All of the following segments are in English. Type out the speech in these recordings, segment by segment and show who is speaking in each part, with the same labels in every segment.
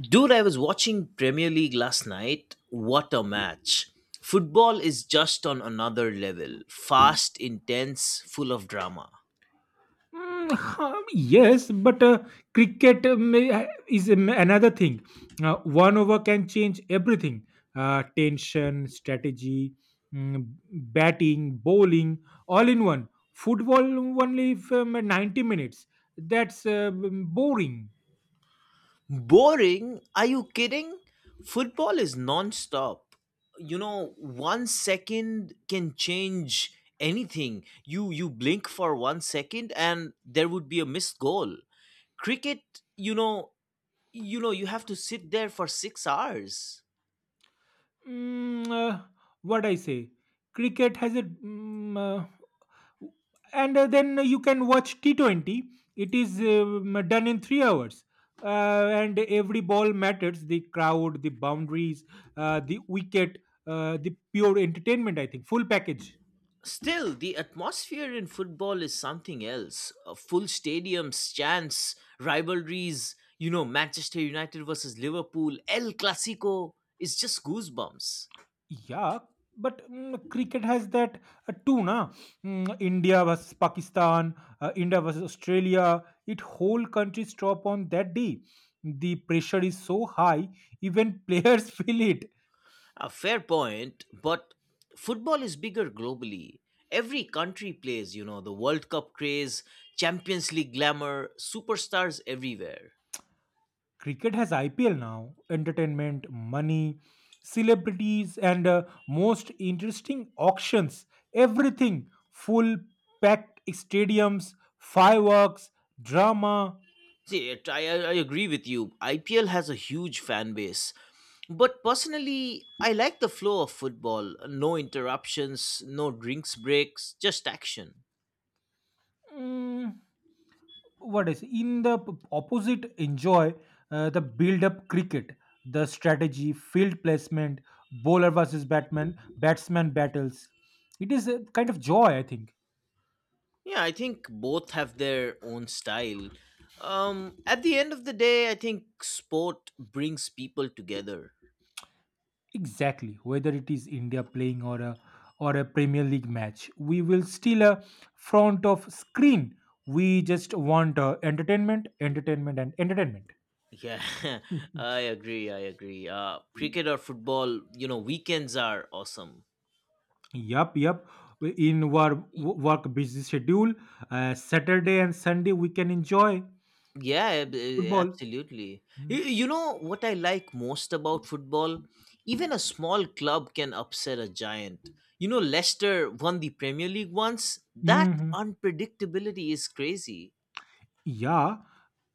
Speaker 1: Dude, I was watching Premier League last night. What a match. Football is just on another level. Fast, intense, full of drama.
Speaker 2: Mm, huh, yes, but cricket is another thing. One over can change everything— tension, strategy, mm, batting, bowling, all in one. Football only for 90 minutes. That's boring.
Speaker 1: Boring? Are you kidding? Football is non-stop. One second can change anything. You blink for 1 second and there would be a missed goal. Cricket, you know, you know you have to sit there for 6 hours.
Speaker 2: Mm, uh, what I say? Cricket has a— and then you can watch T20. It is done in 3 hours. And every ball matters— the crowd, the boundaries, the wicket, the pure entertainment, I think. Full package.
Speaker 1: Still, the atmosphere in football is something else. Full stadiums, chants, rivalries, Manchester United versus Liverpool, El Clasico, it's just goosebumps.
Speaker 2: Yeah, but cricket has that too, na? India versus Pakistan, India versus Australia. It— whole countries stop on that day. The pressure is so high, even players feel it.
Speaker 1: A fair point, but football is bigger globally. Every country plays, the World Cup craze, Champions League glamour, superstars everywhere.
Speaker 2: Cricket has IPL now— entertainment, money, celebrities, and most interesting auctions. Everything— full packed stadiums, fireworks, drama.
Speaker 1: See, I agree with you. IPL has a huge fan base. But personally, I like the flow of football. No interruptions, no drinks breaks, just action.
Speaker 2: Mm, what is in the opposite? Enjoy the build up— cricket, the strategy, field placement, bowler versus batman, batsman battles. It is a kind of joy, I think.
Speaker 1: Yeah, I think both have their own style. At the end of the day, I think sport brings people together.
Speaker 2: Exactly. Whether it is India playing or a Premier League match, we will still a front of screen. We just want entertainment, entertainment, and entertainment.
Speaker 1: Yeah, I agree. I agree. Cricket or football, weekends are awesome.
Speaker 2: Yup, yup. In our work busy schedule, Saturday and Sunday we can enjoy
Speaker 1: Yeah,
Speaker 2: football.
Speaker 1: absolutely. You know what I like most about football? Even a small club can upset a giant. Leicester won the Premier League once. That
Speaker 2: Mm-hmm.
Speaker 1: unpredictability is crazy.
Speaker 2: Yeah,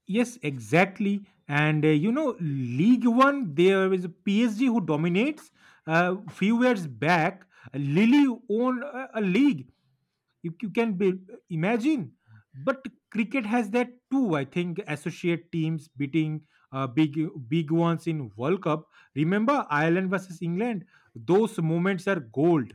Speaker 2: yes, exactly. And League One, there is a PSG who dominates. A few years back, Lily owned a league. You can be— imagine. But cricket has that too. I think associate teams beating big ones in World Cup. Remember Ireland versus England? Those moments are gold.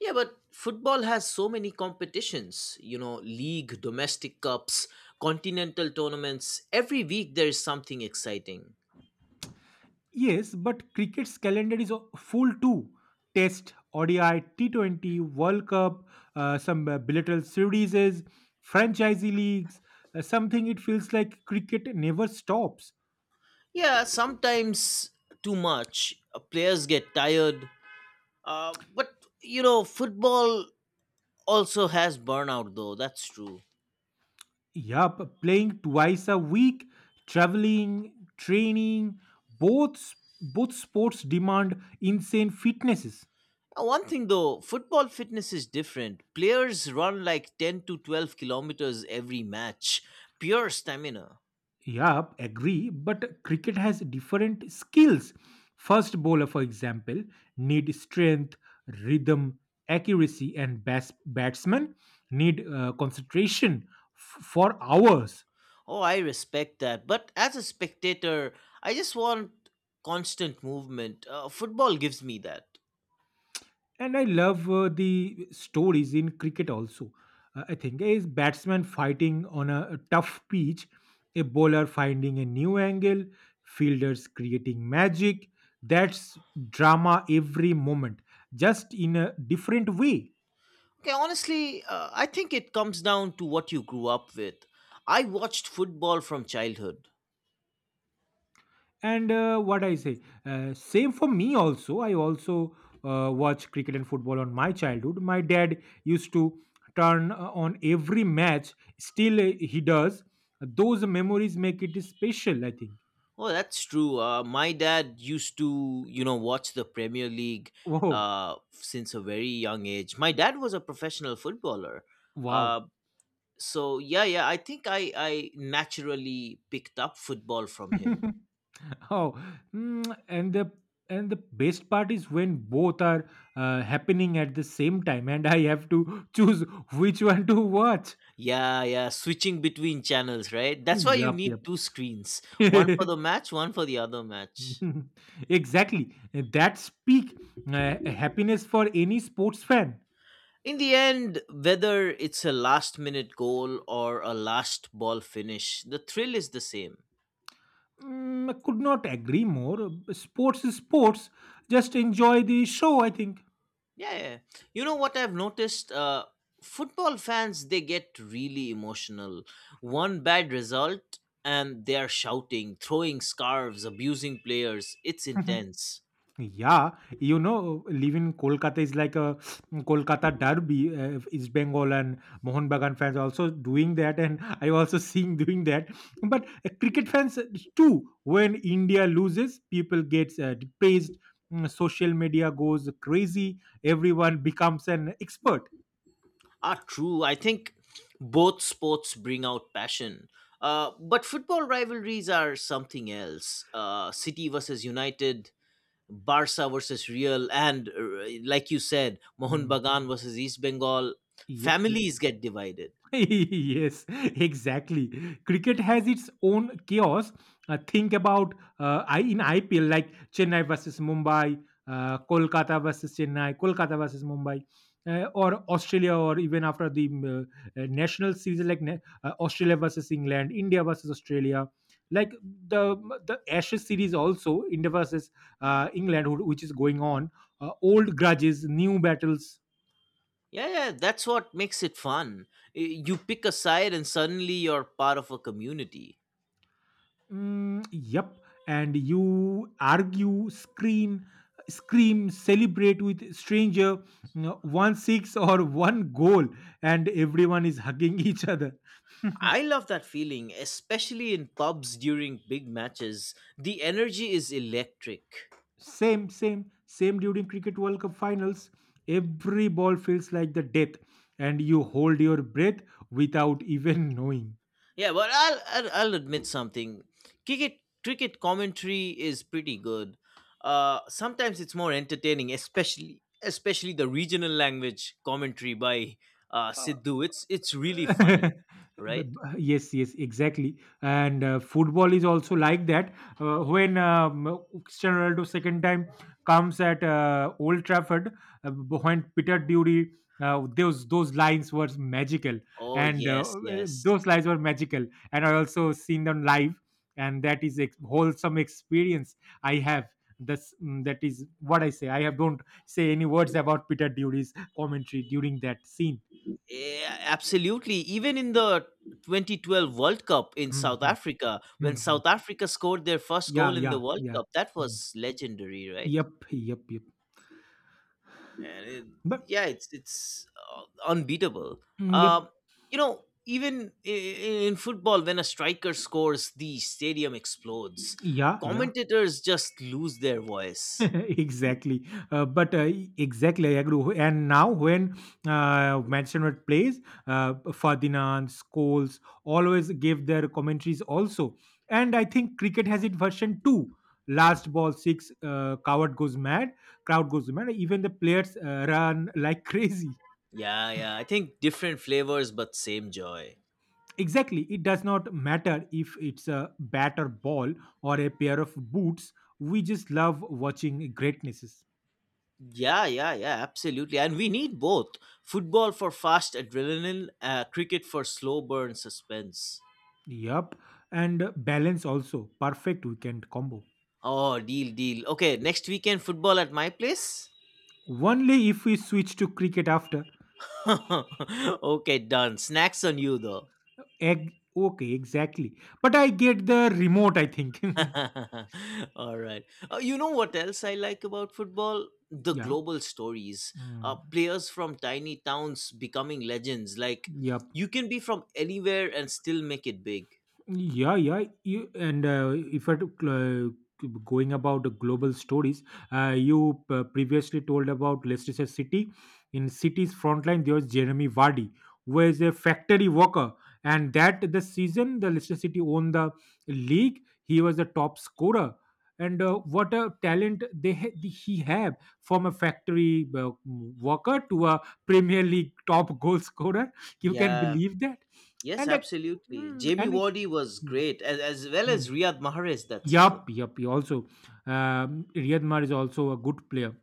Speaker 1: Yeah, but football has so many competitions. League, domestic cups, continental tournaments. Every week there is something exciting.
Speaker 2: Yes, but cricket's calendar is full too. Test, ODI, T20, World Cup, some bilateral series, franchise leagues, something— it feels like cricket never stops.
Speaker 1: Yeah, sometimes too much. Players get tired. But football also has burnout, though that's true.
Speaker 2: Yup, playing twice a week, traveling, training, both both sports demand insane fitnesses.
Speaker 1: One thing though, football fitness is different. Players run like 10 to 12 kilometers every match. Pure stamina.
Speaker 2: Yeah, agree. But cricket has different skills. First bowler, for example, need strength, rhythm, accuracy, and batsmen need concentration for hours.
Speaker 1: Oh, I respect that, but as a spectator, I just want constant movement. Football gives me that.
Speaker 2: And I love the stories in cricket also. I think a batsman fighting on a tough pitch, a bowler finding a new angle, fielders creating magic. That's drama every moment, just in a different way.
Speaker 1: Okay, honestly, I think it comes down to what you grew up with. I watched football from childhood.
Speaker 2: And what I say— same for me also. I also watch cricket and football on my childhood. My dad used to turn on every match. Still he does. Those memories make it special, I think.
Speaker 1: Oh, that's true. My dad used to, watch the Premier League
Speaker 2: Oh,
Speaker 1: since a very young age. My dad was a professional footballer.
Speaker 2: wow.
Speaker 1: Uh, so, yeah, yeah, I think I naturally picked up football from him.
Speaker 2: Oh. And the— best part is when both are happening at the same time, and I have to choose which one to watch.
Speaker 1: Yeah, yeah, switching between channels, right? That's why you
Speaker 2: Yep,
Speaker 1: need two screens, one
Speaker 2: yep.
Speaker 1: for the match, one for the other match.
Speaker 2: Exactly. That speak happiness for any sports fan.
Speaker 1: In the end, whether it's a last minute goal or a last ball finish, the thrill is the same.
Speaker 2: I could not agree more. Sports is sports. Just enjoy the show, I think.
Speaker 1: Yeah, yeah. Yeah. You know what I've noticed? Football fans, they get really emotional. One bad result, and they are shouting, throwing scarves, abusing players. It's intense.
Speaker 2: Yeah, living in Kolkata is like a— Kolkata derby. East Bengal and Mohun Bagan fans also doing that, and I also seeing doing that. But cricket fans too, when India loses, people gets praised. Social media goes crazy. Everyone becomes an expert.
Speaker 1: Ah, true. I think both sports bring out passion. But football rivalries are something else. City versus United, Barca versus Real, and like you said, Mohun
Speaker 2: Mm.
Speaker 1: Bagan versus East Bengal.
Speaker 2: Yep, yep.
Speaker 1: Families get divided.
Speaker 2: Yes, exactly. Cricket has its own chaos. Think about I in IPL, like Chennai versus Mumbai, Kolkata versus Chennai, Kolkata versus Mumbai, or Australia, or even after the national series like Australia versus England, India versus Australia. Like the the Ashes series. Also India versus England, which is going on. Old grudges, new battles.
Speaker 1: Yeah, yeah, that's what makes it fun. You pick a side and suddenly you're part of a community.
Speaker 2: Mm, yep. And you argue, scream, scream, celebrate with stranger, one six or one goal, and everyone is hugging each other.
Speaker 1: I love that feeling, especially in pubs during big matches. The energy is electric.
Speaker 2: Same, same, same during Cricket World Cup finals. Every ball feels like the death, and you hold your breath without even knowing.
Speaker 1: Yeah, but I'll admit something. Cricket commentary is pretty good. Sometimes it's more entertaining, especially the regional language commentary by Sidhu. It's really funny,
Speaker 2: B-
Speaker 1: right?
Speaker 2: b- yes, yes, exactly. And football is also like that when Cristiano Ronaldo second time comes at Old Trafford, when Peter Dury— those lines were magical.
Speaker 1: Oh
Speaker 2: And
Speaker 1: yes, yes.
Speaker 2: those lines were magical, and I also seen them live, and that is a wholesome experience I have. That's— that is what I say. I have don't say any words about Peter Dury's commentary during that scene.
Speaker 1: Yeah, absolutely. Even in the 2012 World Cup in South Africa, when South Africa scored their first
Speaker 2: Yeah,
Speaker 1: goal in the
Speaker 2: yeah,
Speaker 1: World
Speaker 2: yeah.
Speaker 1: Cup, that
Speaker 2: Mm.
Speaker 1: was legendary, right?
Speaker 2: Yep, yep, yep.
Speaker 1: And
Speaker 2: But
Speaker 1: yeah, it's unbeatable.
Speaker 2: yep,
Speaker 1: Um, even in football, when a striker scores, the stadium explodes.
Speaker 2: yeah, yeah.
Speaker 1: Commentators just lose their voice.
Speaker 2: Exactly. But exactly, I agree. And now, when Manchester United plays, Ferdinand, Scholes always give their commentaries also. And I think cricket has it version two. Last ball six, coward goes mad, crowd goes mad. Even the players run like crazy.
Speaker 1: Yeah, yeah. I think different flavors, but same joy.
Speaker 2: Exactly. It does not matter if it's a bat or ball or a pair of boots. We just love watching greatnesses.
Speaker 1: Yeah, yeah, yeah, absolutely. And we need both: football for fast adrenaline, cricket for slow burn suspense.
Speaker 2: Yup. And balance also. Perfect weekend combo.
Speaker 1: Oh, deal, deal. Okay, next weekend, football at my place?
Speaker 2: Only if we switch to cricket after.
Speaker 1: Okay, done. Snacks on you, though.
Speaker 2: Egg. Okay, exactly. But I get the remote, I think.
Speaker 1: All right. You know what else I like about football? The
Speaker 2: Yeah.
Speaker 1: global stories. Uh,
Speaker 2: Mm.
Speaker 1: players from tiny towns becoming legends. Like,
Speaker 2: Yup.
Speaker 1: you can be from anywhere and still make it big.
Speaker 2: Yeah, yeah. And if I took— going about the global stories, you previously told about Leicester City. In City's frontline, there was Jeremy Vardy, who is a factory worker. And that the season the Leicester City won the league, he was the top scorer. And what a talent they— he have, from a factory worker to a Premier League top goal scorer. You can
Speaker 1: Yeah,
Speaker 2: believe that?
Speaker 1: yes,
Speaker 2: And a,
Speaker 1: absolutely.
Speaker 2: mm,
Speaker 1: Jamie
Speaker 2: and
Speaker 1: Wardy was
Speaker 2: Mm,
Speaker 1: great, as well
Speaker 2: mm.
Speaker 1: as Riyad Mahrez that season.
Speaker 2: Yup, yup. he Also, Riyad Mahrez is also a good player,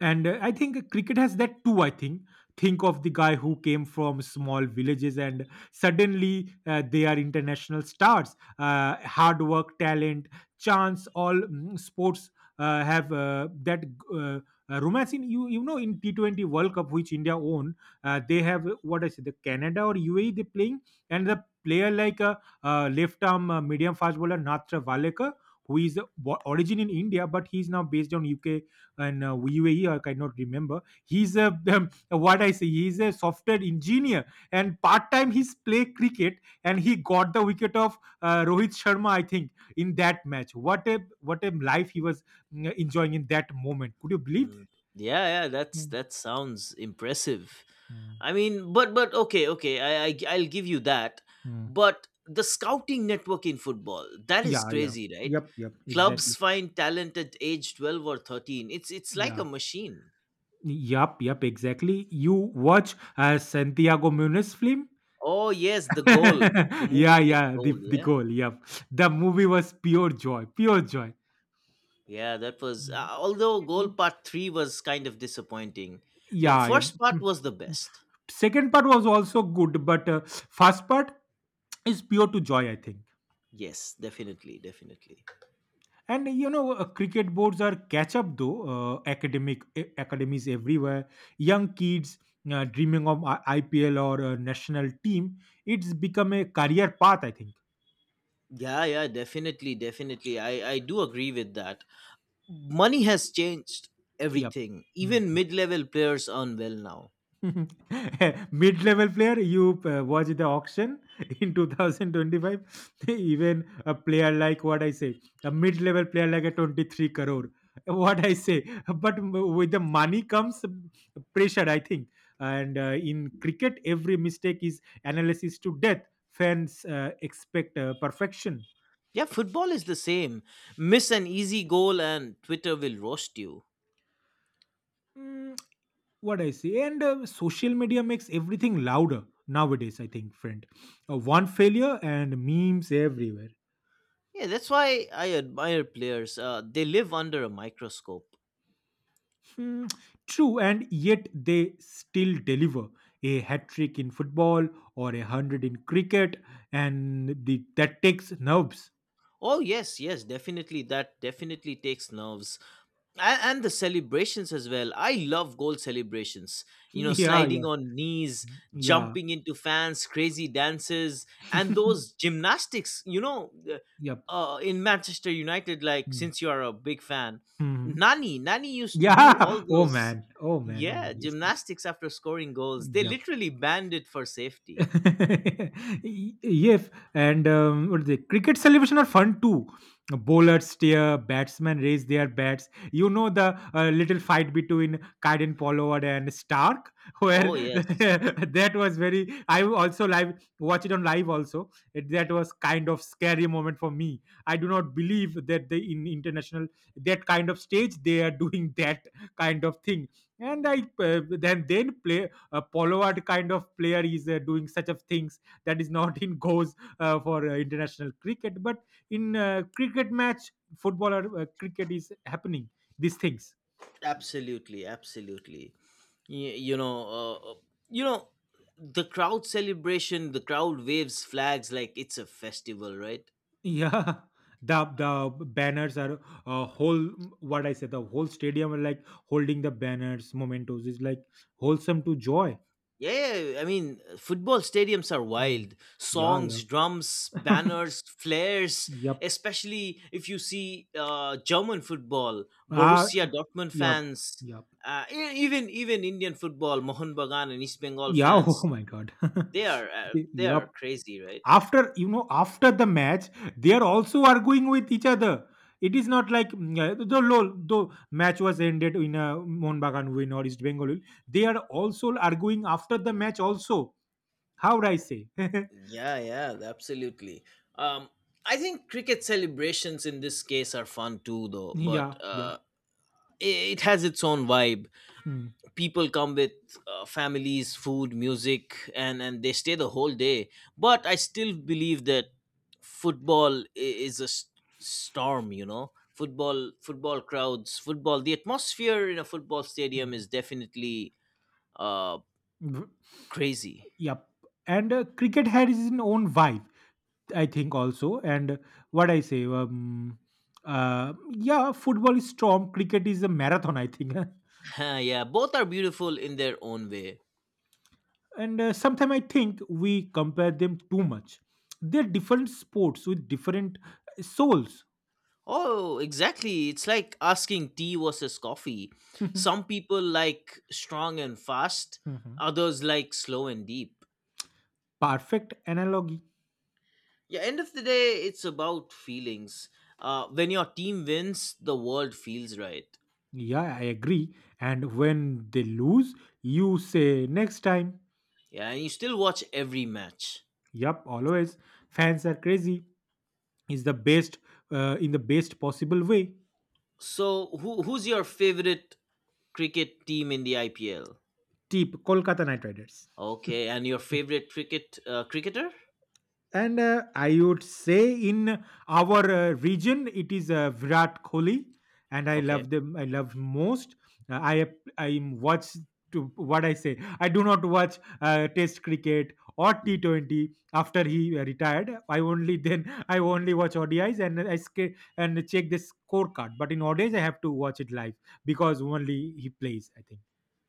Speaker 2: and I think cricket has that too, I think. Think of the guy who came from small villages, and suddenly they are international stars. Hard work, talent, chance— all sports have that uh, romance in— in T20 World Cup which India own. They have what I say the Canada or UAE they playing, and the player like a— left arm medium fast bowler Natra Valekar, who is origin in India, but he is now based on UK and UAE. I cannot remember. He's a— what I say. He's a software engineer, and part time he's play cricket, and he got the wicket of Rohit Sharma. I think in that match. What a life he was enjoying in that moment. Could you believe that?
Speaker 1: Mm. Yeah, yeah, that's
Speaker 2: Mm,
Speaker 1: that sounds impressive.
Speaker 2: mm,
Speaker 1: I mean, but okay, okay, I'll give you that.
Speaker 2: mm.
Speaker 1: But the scouting network in football, that is
Speaker 2: Yeah, yeah.
Speaker 1: crazy, right?
Speaker 2: Yep, yep, exactly.
Speaker 1: Clubs find talent at age 12 or 13. It's like
Speaker 2: Yeah.
Speaker 1: a machine.
Speaker 2: Yep, yep, exactly. You watch Santiago Muniz film?
Speaker 1: Oh, yes, the goal, the
Speaker 2: Yeah,
Speaker 1: movie with
Speaker 2: yeah, the,
Speaker 1: goal,
Speaker 2: the
Speaker 1: yeah.
Speaker 2: goal, yep. The movie was pure joy, pure joy.
Speaker 1: Yeah, that was. Uh,
Speaker 2: Mhm.
Speaker 1: although goal
Speaker 2: Mm,
Speaker 1: part three was kind of disappointing, the
Speaker 2: yeah, yeah. Mm,
Speaker 1: first part was the
Speaker 2: mm.
Speaker 1: best.
Speaker 2: Second part was also good, but first part is pure to joy, I think.
Speaker 1: Yes, definitely, definitely.
Speaker 2: Cricket boards are catch up though. Academies everywhere, young kids dreaming of IPL or a national team. It's become a career path, I think.
Speaker 1: Yeah, yeah, definitely, definitely. I do agree with that. Money has changed
Speaker 2: Yeah.
Speaker 1: everything. Even mid-level players earn well now.
Speaker 2: Mid-level player, you watch the auction in 2025. Even a player like— what I say, a mid-level player like a 23 crore. What I say, but with the money comes pressure, I think. And in cricket, every mistake is analysis to death. Fans expect perfection.
Speaker 1: Yeah, football is the same. Miss an easy goal and Twitter will roast you.
Speaker 2: Mm, what I say— and social media makes everything louder nowadays. I think, friend, one failure and memes everywhere.
Speaker 1: Yeah, that's why I admire players. They live under a microscope.
Speaker 2: Mm, True, and yet they still deliver— a hat trick in football or a hundred in cricket, and that takes nerves.
Speaker 1: Oh yes, yes, definitely. That definitely takes nerves. And the celebrations as well. I love goal celebrations,
Speaker 2: Yeah,
Speaker 1: sliding
Speaker 2: yeah,
Speaker 1: on knees,
Speaker 2: yeah,
Speaker 1: jumping into fans, crazy dances, and those gymnastics.
Speaker 2: yep.
Speaker 1: In Manchester United, like,
Speaker 2: Mm.
Speaker 1: since you are a big fan,
Speaker 2: Mhm.
Speaker 1: Nani used to
Speaker 2: Yeah.
Speaker 1: do all
Speaker 2: Oh
Speaker 1: those.
Speaker 2: man. Oh man. Oh
Speaker 1: Yeah,
Speaker 2: man. Yes. Yes.
Speaker 1: gymnastics after scoring goals, they
Speaker 2: Yep.
Speaker 1: literally banned it for safety.
Speaker 2: Yes. And what is it? Cricket celebration are fun too. Bowlers steer, batsmen raise their bats. You know the little fight between Kaiden Pollard and Stark, where
Speaker 1: Oh yes,
Speaker 2: that was very. I also live watch it on live also. That was kind of scary moment for me. I do not believe that the in international that kind of stage they are doing that kind of thing. And I then play— Pollard kind of player is doing such of things that is not in goes for international cricket. But in cricket match, football or cricket is happening these things.
Speaker 1: absolutely, absolutely. Y- you know uh, uh, you know the crowd celebration, the crowd waves flags like it's a festival, right?
Speaker 2: Yeah. The banners are whole— what I said— the whole stadium are like holding the banners, mementos is like wholesome to joy.
Speaker 1: Yeah, yeah, I mean, football stadiums are
Speaker 2: Mm.
Speaker 1: wild:
Speaker 2: Yeah, yeah.
Speaker 1: songs, drums, banners, flares.
Speaker 2: Yep.
Speaker 1: Especially if you see German football,
Speaker 2: Ah,
Speaker 1: Borussia Dortmund
Speaker 2: yep,
Speaker 1: fans.
Speaker 2: yep,
Speaker 1: Even Indian football, Mohun Bagan and East Bengal
Speaker 2: yeah. Oh
Speaker 1: fans,
Speaker 2: my god.
Speaker 1: they are uh, they
Speaker 2: Yep.
Speaker 1: are crazy, right?
Speaker 2: After after the match, they are also arguing with each other. It is not like— the match was ended in a Mohun Bagan win or East Bengal win. They are also arguing after the match also. How would I say?
Speaker 1: Yeah, yeah, absolutely. Um, I think cricket celebrations in this case are fun too, though. But
Speaker 2: Yeah, yeah.
Speaker 1: uh, i- it has its own vibe.
Speaker 2: Hmm,
Speaker 1: People come with families, food, music, and they stay the whole day. But I still believe that football is a storm. Football, football crowds, football. The atmosphere in a football stadium
Speaker 2: hmm.
Speaker 1: is definitely uh
Speaker 2: V-
Speaker 1: crazy.
Speaker 2: Yep. And cricket has its own vibe, I think, also. And what I say— yeah, football is storm, cricket is a marathon, I think.
Speaker 1: Yeah, both are beautiful in their own way.
Speaker 2: And sometimes I think we compare them too much. They're different sports with different souls.
Speaker 1: Oh, exactly. It's like asking tea versus coffee. Some people like strong and fast,
Speaker 2: Mhm.
Speaker 1: others like slow and deep.
Speaker 2: Perfect analogy.
Speaker 1: Yeah, end of the day, it's about feelings. When your team wins, the world feels right.
Speaker 2: Yeah, I agree, and when they lose, you say next time.
Speaker 1: Yeah, and you still watch every match.
Speaker 2: Yup, always. Fans are crazy, is the best, in the best possible way.
Speaker 1: So, who's your favorite cricket team in the IPL?
Speaker 2: Tip Kolkata Knight Riders.
Speaker 1: Okay, and your favorite cricketer?
Speaker 2: And I would say in our region, it is Virat Kohli, and I
Speaker 1: Okay,
Speaker 2: love them. I love most. Uh, I I watch to what I say. I do not watch Test cricket or T T20 after he retired. I only then I only watch ODIs and check the scorecard. But in ODIs, I have to watch it live because only he plays, I think.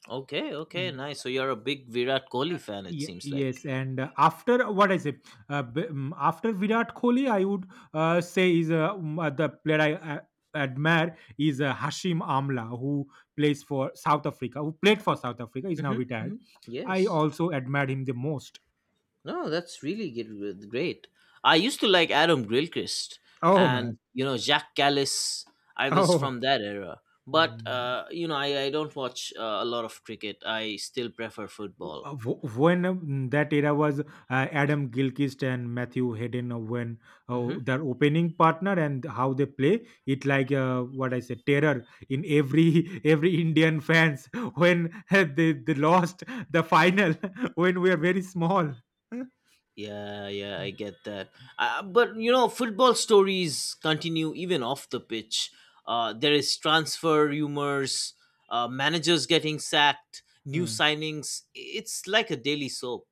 Speaker 1: okay, okay, nice. So you're a big Virat
Speaker 2: Uh,
Speaker 1: Kohli fan, it
Speaker 2: ye-
Speaker 1: seems like.
Speaker 2: yes, and after what I say, after Virat Kohli, I would say is the player I admire is Hashim Amla, who plays for South Africa, who played for South Africa, is now
Speaker 1: Mm-hmm. Hmm.
Speaker 2: retired. I
Speaker 1: Yes.
Speaker 2: also admired him the most.
Speaker 1: No, that's really good, great. I used to like Adam Grillchrist
Speaker 2: Oh
Speaker 1: and,
Speaker 2: man!
Speaker 1: Jack Callis. I was
Speaker 2: Oh.
Speaker 1: from that era. But,
Speaker 2: Hmm.
Speaker 1: uh, you know, I, I don't watch a lot of cricket. I still prefer football.
Speaker 2: When that era was Adam Gilchrist and Matthew Hayden, when
Speaker 1: Mm-hmm.
Speaker 2: their opening partner and how they play it, like what I said, terror in every every Indian fans when they lost the final when we are very small.
Speaker 1: Yeah, yeah, I get that. But football stories continue even off the pitch. There is transfer rumors, managers getting sacked, new
Speaker 2: Hmm.
Speaker 1: signings. It's like a daily soap.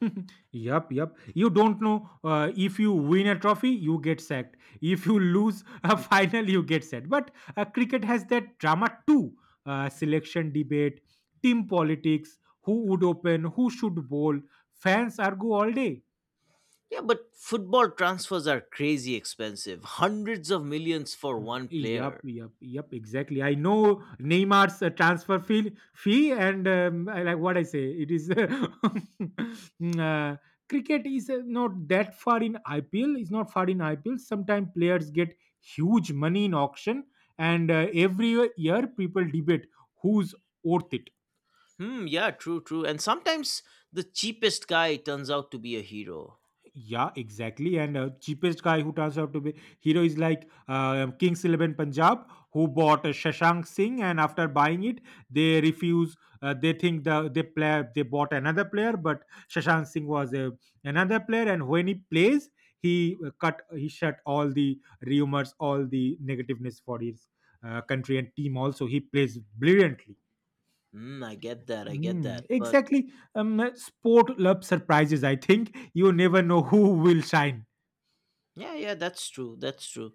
Speaker 2: Yup, yup. You don't know, if you win a trophy, you get sacked. If you lose a final, you get sacked. But cricket has that drama too. Selection debate, team politics, who would open, who should bowl. Fans argue all day.
Speaker 1: Yeah, but football transfers are crazy expensive. Hundreds of millions for
Speaker 2: Mm,
Speaker 1: one
Speaker 2: yup,
Speaker 1: player.
Speaker 2: yup, yup. Exactly. I know Neymar's transfer fee, and I like what I say. It is uh, cricket is not that far in IPL. It's not far in IPL. Sometimes players get huge money in auction, and every year people debate who's worth it.
Speaker 1: Hmm, yeah, true, true. And sometimes the cheapest guy turns out to be a hero.
Speaker 2: Yeah, exactly. And cheapest guy who turns out to be hero is like Kings XI Punjab, who bought Shashank Singh, and after buying it, they refuse. They think they bought another player, but Shashank Singh was another player, and when he plays, he shut all the rumors, all the negativeness for his country and team. Also, he plays brilliantly.
Speaker 1: Hmm, I get that, I get
Speaker 2: Mm,
Speaker 1: that. But
Speaker 2: exactly. Sport love surprises. I think you never know who will shine.
Speaker 1: yeah, yeah, that's true, that's true.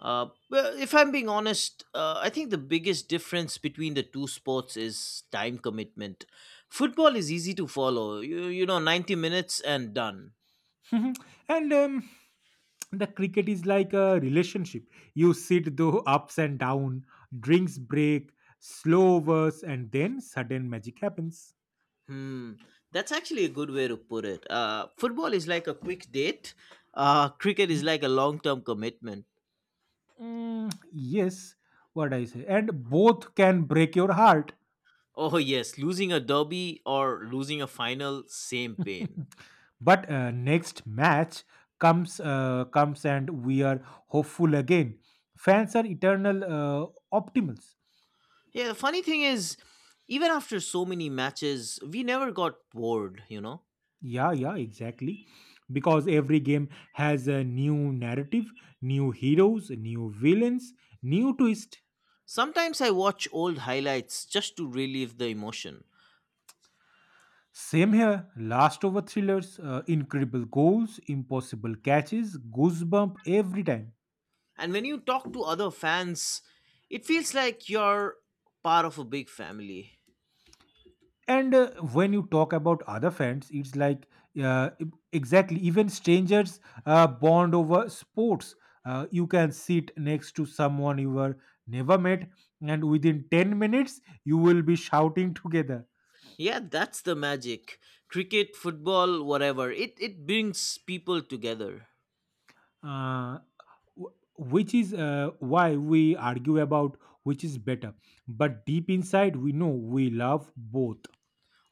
Speaker 1: Well, if I'm being honest, I think the biggest difference between the two sports is time commitment. Football is easy to follow. 90 minutes and done.
Speaker 2: Mhm. And the cricket is like a relationship. You sit through ups and down, drinks break, slow overs, and then sudden magic happens.
Speaker 1: Hmm, that's actually a good way to put it. Football is like a quick date. Cricket is like a long-term commitment.
Speaker 2: Mm, yes, what I say. And both can break your heart.
Speaker 1: Oh yes, losing a derby or losing a final, same pain.
Speaker 2: But next match comes, and we are hopeful again. Fans are eternal optimists.
Speaker 1: Yeah, the funny thing is, even after so many matches, we never got bored. You know,
Speaker 2: Yeah, yeah, exactly. Because every game has a new narrative, new heroes, new villains, new twist.
Speaker 1: sometimes I watch old highlights just to relieve the emotion.
Speaker 2: Same here. Last over thrillers, incredible goals, impossible catches, goosebump every time.
Speaker 1: And when you talk to other fans, it feels like you're part of a big family.
Speaker 2: And when you talk about other fans, it's like uh, e- exactly even strangers bond over sports. You can sit next to someone you were never met, and within 10 minutes, you will be shouting together.
Speaker 1: Yeah, that's the magic. Cricket, football, whatever. It brings people together.
Speaker 2: uh, which is why we argue about which is better. But deep inside, we know we love both,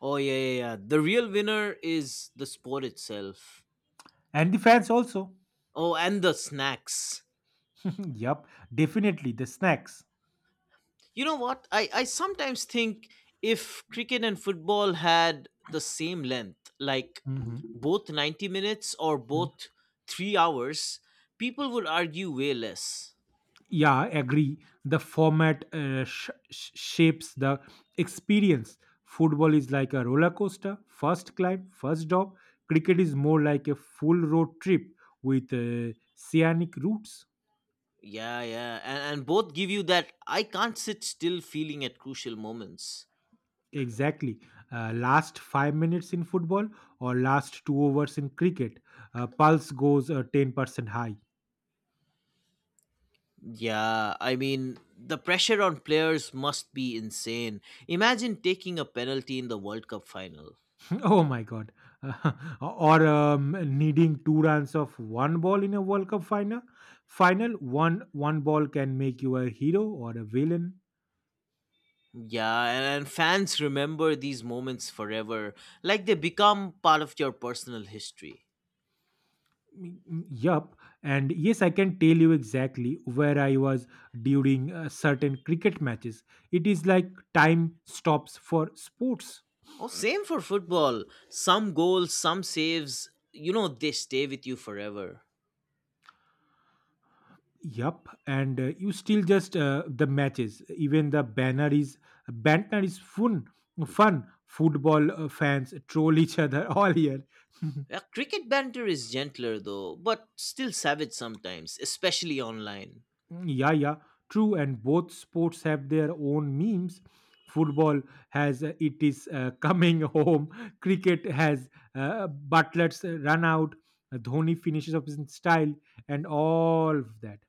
Speaker 1: Oh yeah, yeah, yeah. The real winner is the sport itself.
Speaker 2: and the fans also.
Speaker 1: Oh, and the snacks.
Speaker 2: Yep, definitely the snacks.
Speaker 1: You know what? I sometimes think, if cricket and football had the same length, like
Speaker 2: Mhm.
Speaker 1: both 90 minutes or
Speaker 2: Mm.
Speaker 1: both 3 hours, people would argue way less.
Speaker 2: Yeah, agree. The format shapes the experience. Football is like a roller coaster. First climb, first drop. Cricket is more like a full road trip with scenic routes.
Speaker 1: Yeah, yeah. And both give you that I can't sit still feeling at crucial moments.
Speaker 2: Exactly. Last 5 minutes in football or last 2 overs in cricket, pulse goes 10% high.
Speaker 1: Yeah, I mean, the pressure on players must be insane. Imagine taking a penalty in the World Cup final.
Speaker 2: Oh my god. Or needing two runs of one ball in a World Cup final. Final one ball can make you a hero or a villain.
Speaker 1: Yeah, and fans remember these moments forever, like they become part of your personal history.
Speaker 2: Mm, mm, yup. And yes, I can tell you exactly where I was during certain cricket matches. It is like time stops for sports.
Speaker 1: Oh, same for football. Some goals, some saves, they stay with you forever.
Speaker 2: Yup, and you still just the matches. Even the banner is fun. Football fans troll each other all year.
Speaker 1: Yeah, cricket banter is gentler though, but still savage sometimes, especially online.
Speaker 2: Mm, yeah, yeah, true. And both sports have their own memes. Football has it is coming home. Cricket has Butler's run out. Dhoni finishes up in style, and all of that.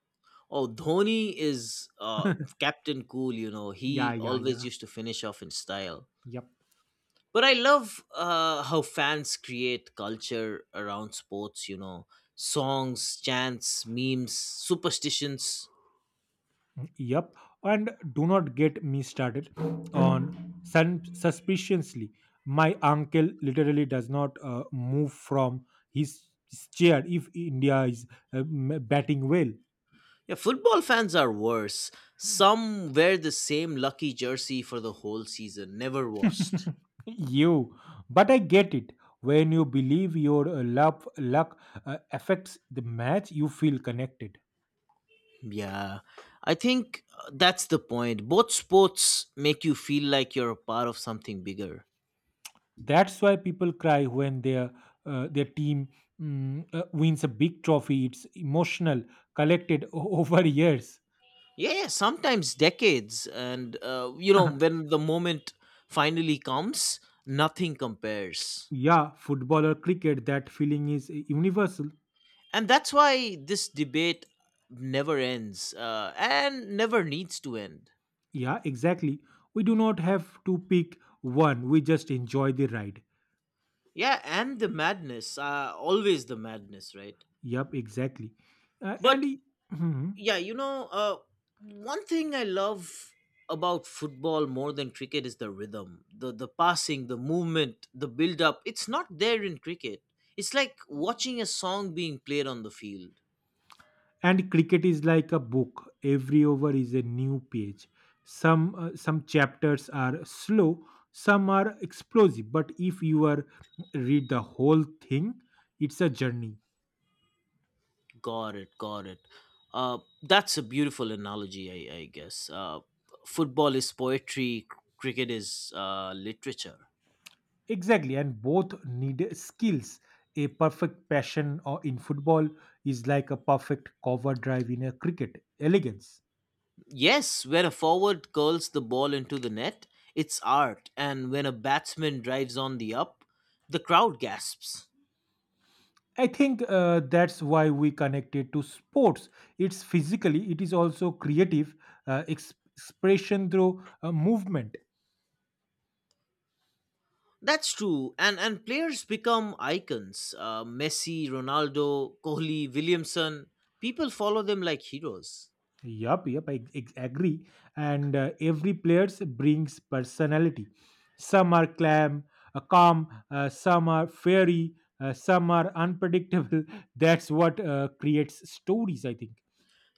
Speaker 1: Oh, Dhoni is Captain Cool. You know,
Speaker 2: Yeah,
Speaker 1: he
Speaker 2: yeah,
Speaker 1: always
Speaker 2: yeah.
Speaker 1: used to finish off in style.
Speaker 2: Yep.
Speaker 1: But I love how fans create culture around sports. Songs, chants, memes, superstitions.
Speaker 2: Yep, and do not get me started on suspiciously. My uncle literally does not move from his chair if India is batting well.
Speaker 1: Yeah, football fans are worse. Some wear the same lucky jersey for the whole season, never washed.
Speaker 2: You, but I get it. When you believe your luck affects the match, you feel connected.
Speaker 1: Yeah, I think that's the point. Both sports make you feel like you're a part of something bigger.
Speaker 2: That's why people cry when their team wins a big trophy. It's emotional, collected over years.
Speaker 1: Yeah, yeah, sometimes decades. And, uh, you know, when the moment finally comes, nothing compares.
Speaker 2: Yeah, football or cricket, that feeling is universal.
Speaker 1: And that's why this debate never ends, and never needs to end.
Speaker 2: Yeah, exactly. We do not have to pick one, we just enjoy the ride.
Speaker 1: Yeah, and the madness, always the madness, right?
Speaker 2: Yep, exactly.
Speaker 1: But
Speaker 2: Mhm.
Speaker 1: yeah, one thing I love about football more than cricket is the rhythm, the passing, the movement, the build up. It's not there in cricket. It's like watching a song being played on the field.
Speaker 2: And cricket is like a book. Every over is a new page. Some chapters are slow, some are explosive, but if you are read the whole thing, it's a journey.
Speaker 1: Got it, got it. That's a beautiful analogy. I guess football is poetry, cricket is literature.
Speaker 2: Exactly, and both need skills. A perfect passion or in football is like a perfect cover drive in a cricket. Elegance.
Speaker 1: Yes, when a forward curls the ball into the net, it's art, and when a batsman drives on the up, the crowd gasps.
Speaker 2: I think that's why we connected to sports. It's physically, it is also creative expression through movement.
Speaker 1: That's true, and players become icons. Messi, Ronaldo, Kohli, Williamson, people follow them like heroes.
Speaker 2: Yup, yup, agree. And every players brings personality. Some are calm. Some are fairy. Some are unpredictable. That's what creates stories, I think.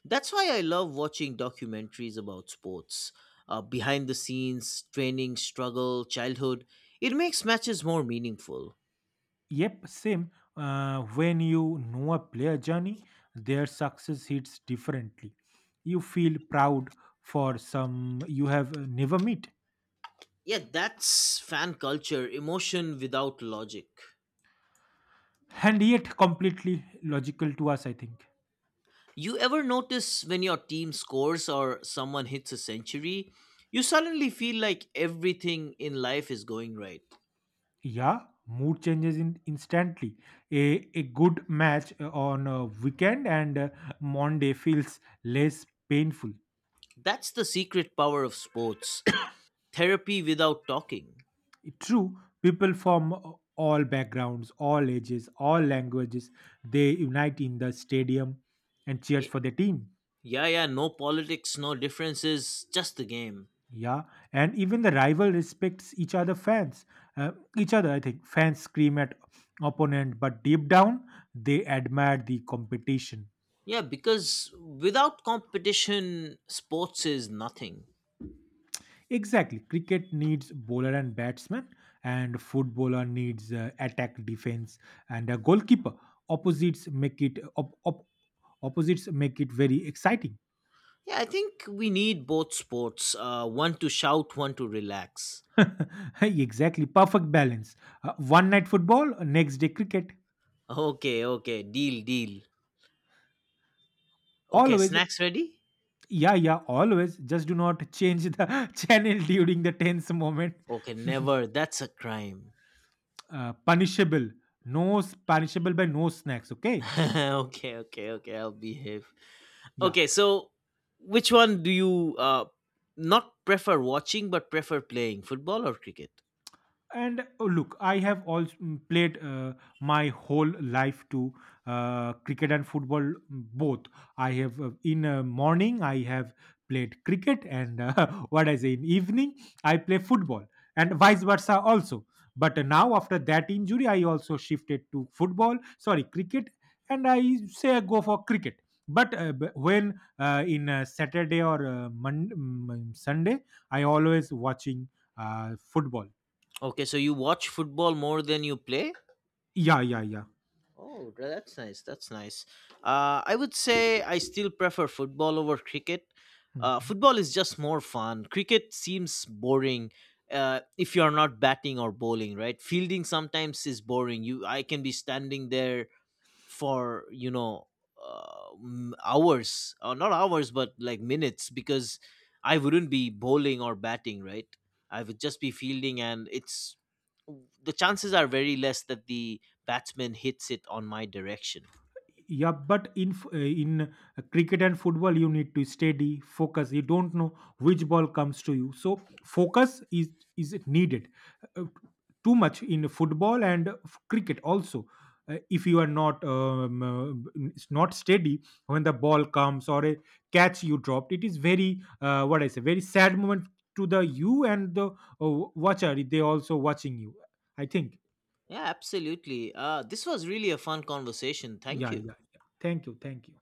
Speaker 1: That's why I love watching documentaries about sports. Behind the scenes, training, struggle, childhood. It makes matches more meaningful.
Speaker 2: Yep, same. When you know a player journey, their success hits differently. You feel proud for some you have never met,
Speaker 1: Yeah, that's fan culture, emotion without logic.
Speaker 2: and yet completely logical to us, I think.
Speaker 1: You ever notice when your team scores or someone hits a century, you suddenly feel like everything in life is going right.
Speaker 2: Yeah, mood changes in instantly. A good match on a weekend, and Monday feels less painful.
Speaker 1: That's the secret power of sports. Therapy without talking.
Speaker 2: True, people from all backgrounds, all ages, all languages, they unite in the stadium and cheers
Speaker 1: Y-
Speaker 2: for their team.
Speaker 1: Yeah, yeah, no politics, no differences, just the game.
Speaker 2: Yeah, and even the rival respects each other fans. Each other, I think, fans scream at opponent, but deep down they admire the competition.
Speaker 1: Yeah, because without competition, sports is nothing.
Speaker 2: Exactly. Cricket needs bowler and batsman, and footballer needs attack, defense, and a goalkeeper. Opposites make it op- op- opposites make it very exciting.
Speaker 1: Yeah, I think we need both sports, one to shout, one to relax.
Speaker 2: Exactly. Perfect balance. One night football, next day cricket.
Speaker 1: Okay, okay, deal, deal. Okay,
Speaker 2: Always.
Speaker 1: snacks ready?
Speaker 2: Yeah, yeah, always. Just do not change the channel during the tense moment.
Speaker 1: Okay, never. That's a crime.
Speaker 2: Punishable. Punishable by no snacks. Okay.
Speaker 1: Okay, okay, okay. I'll behave.
Speaker 2: Yeah.
Speaker 1: Okay, so which one do you not prefer watching but prefer playing, football or cricket?
Speaker 2: And oh, look, I have also played my whole life to cricket and football, both. I have uh, in uh, morning I have played cricket and what I say, in evening I play football and vice versa also. But now after that injury, I also shifted to football, sorry, cricket. And I say I go for cricket, but when in Saturday or Sunday I always watching football.
Speaker 1: Okay, so you watch football more than you play?
Speaker 2: Yeah, yeah, yeah.
Speaker 1: Oh, that's nice. That's nice. I would say I still prefer football over cricket. Uh,
Speaker 2: Mhm.
Speaker 1: football is just more fun. Cricket seems boring if you are not batting or bowling, right? Fielding sometimes is boring. I can be standing there for hours, or not hours but like minutes, because I wouldn't be bowling or batting, right? I would just be fielding, and it's the chances are very less that the batsman hits it on my direction.
Speaker 2: Yeah, but in cricket and football, you need to steady focus. You don't know which ball comes to you, so focus is needed uh, too much in football and cricket also. If you are not not steady when the ball comes or a catch you dropped, it is very what I say, very sad moment to the you and the watcher. They also watching you, I think.
Speaker 1: Yeah, absolutely. This was really a fun conversation, thank
Speaker 2: Yeah,
Speaker 1: you.
Speaker 2: yeah, yeah. Thank you, thank you.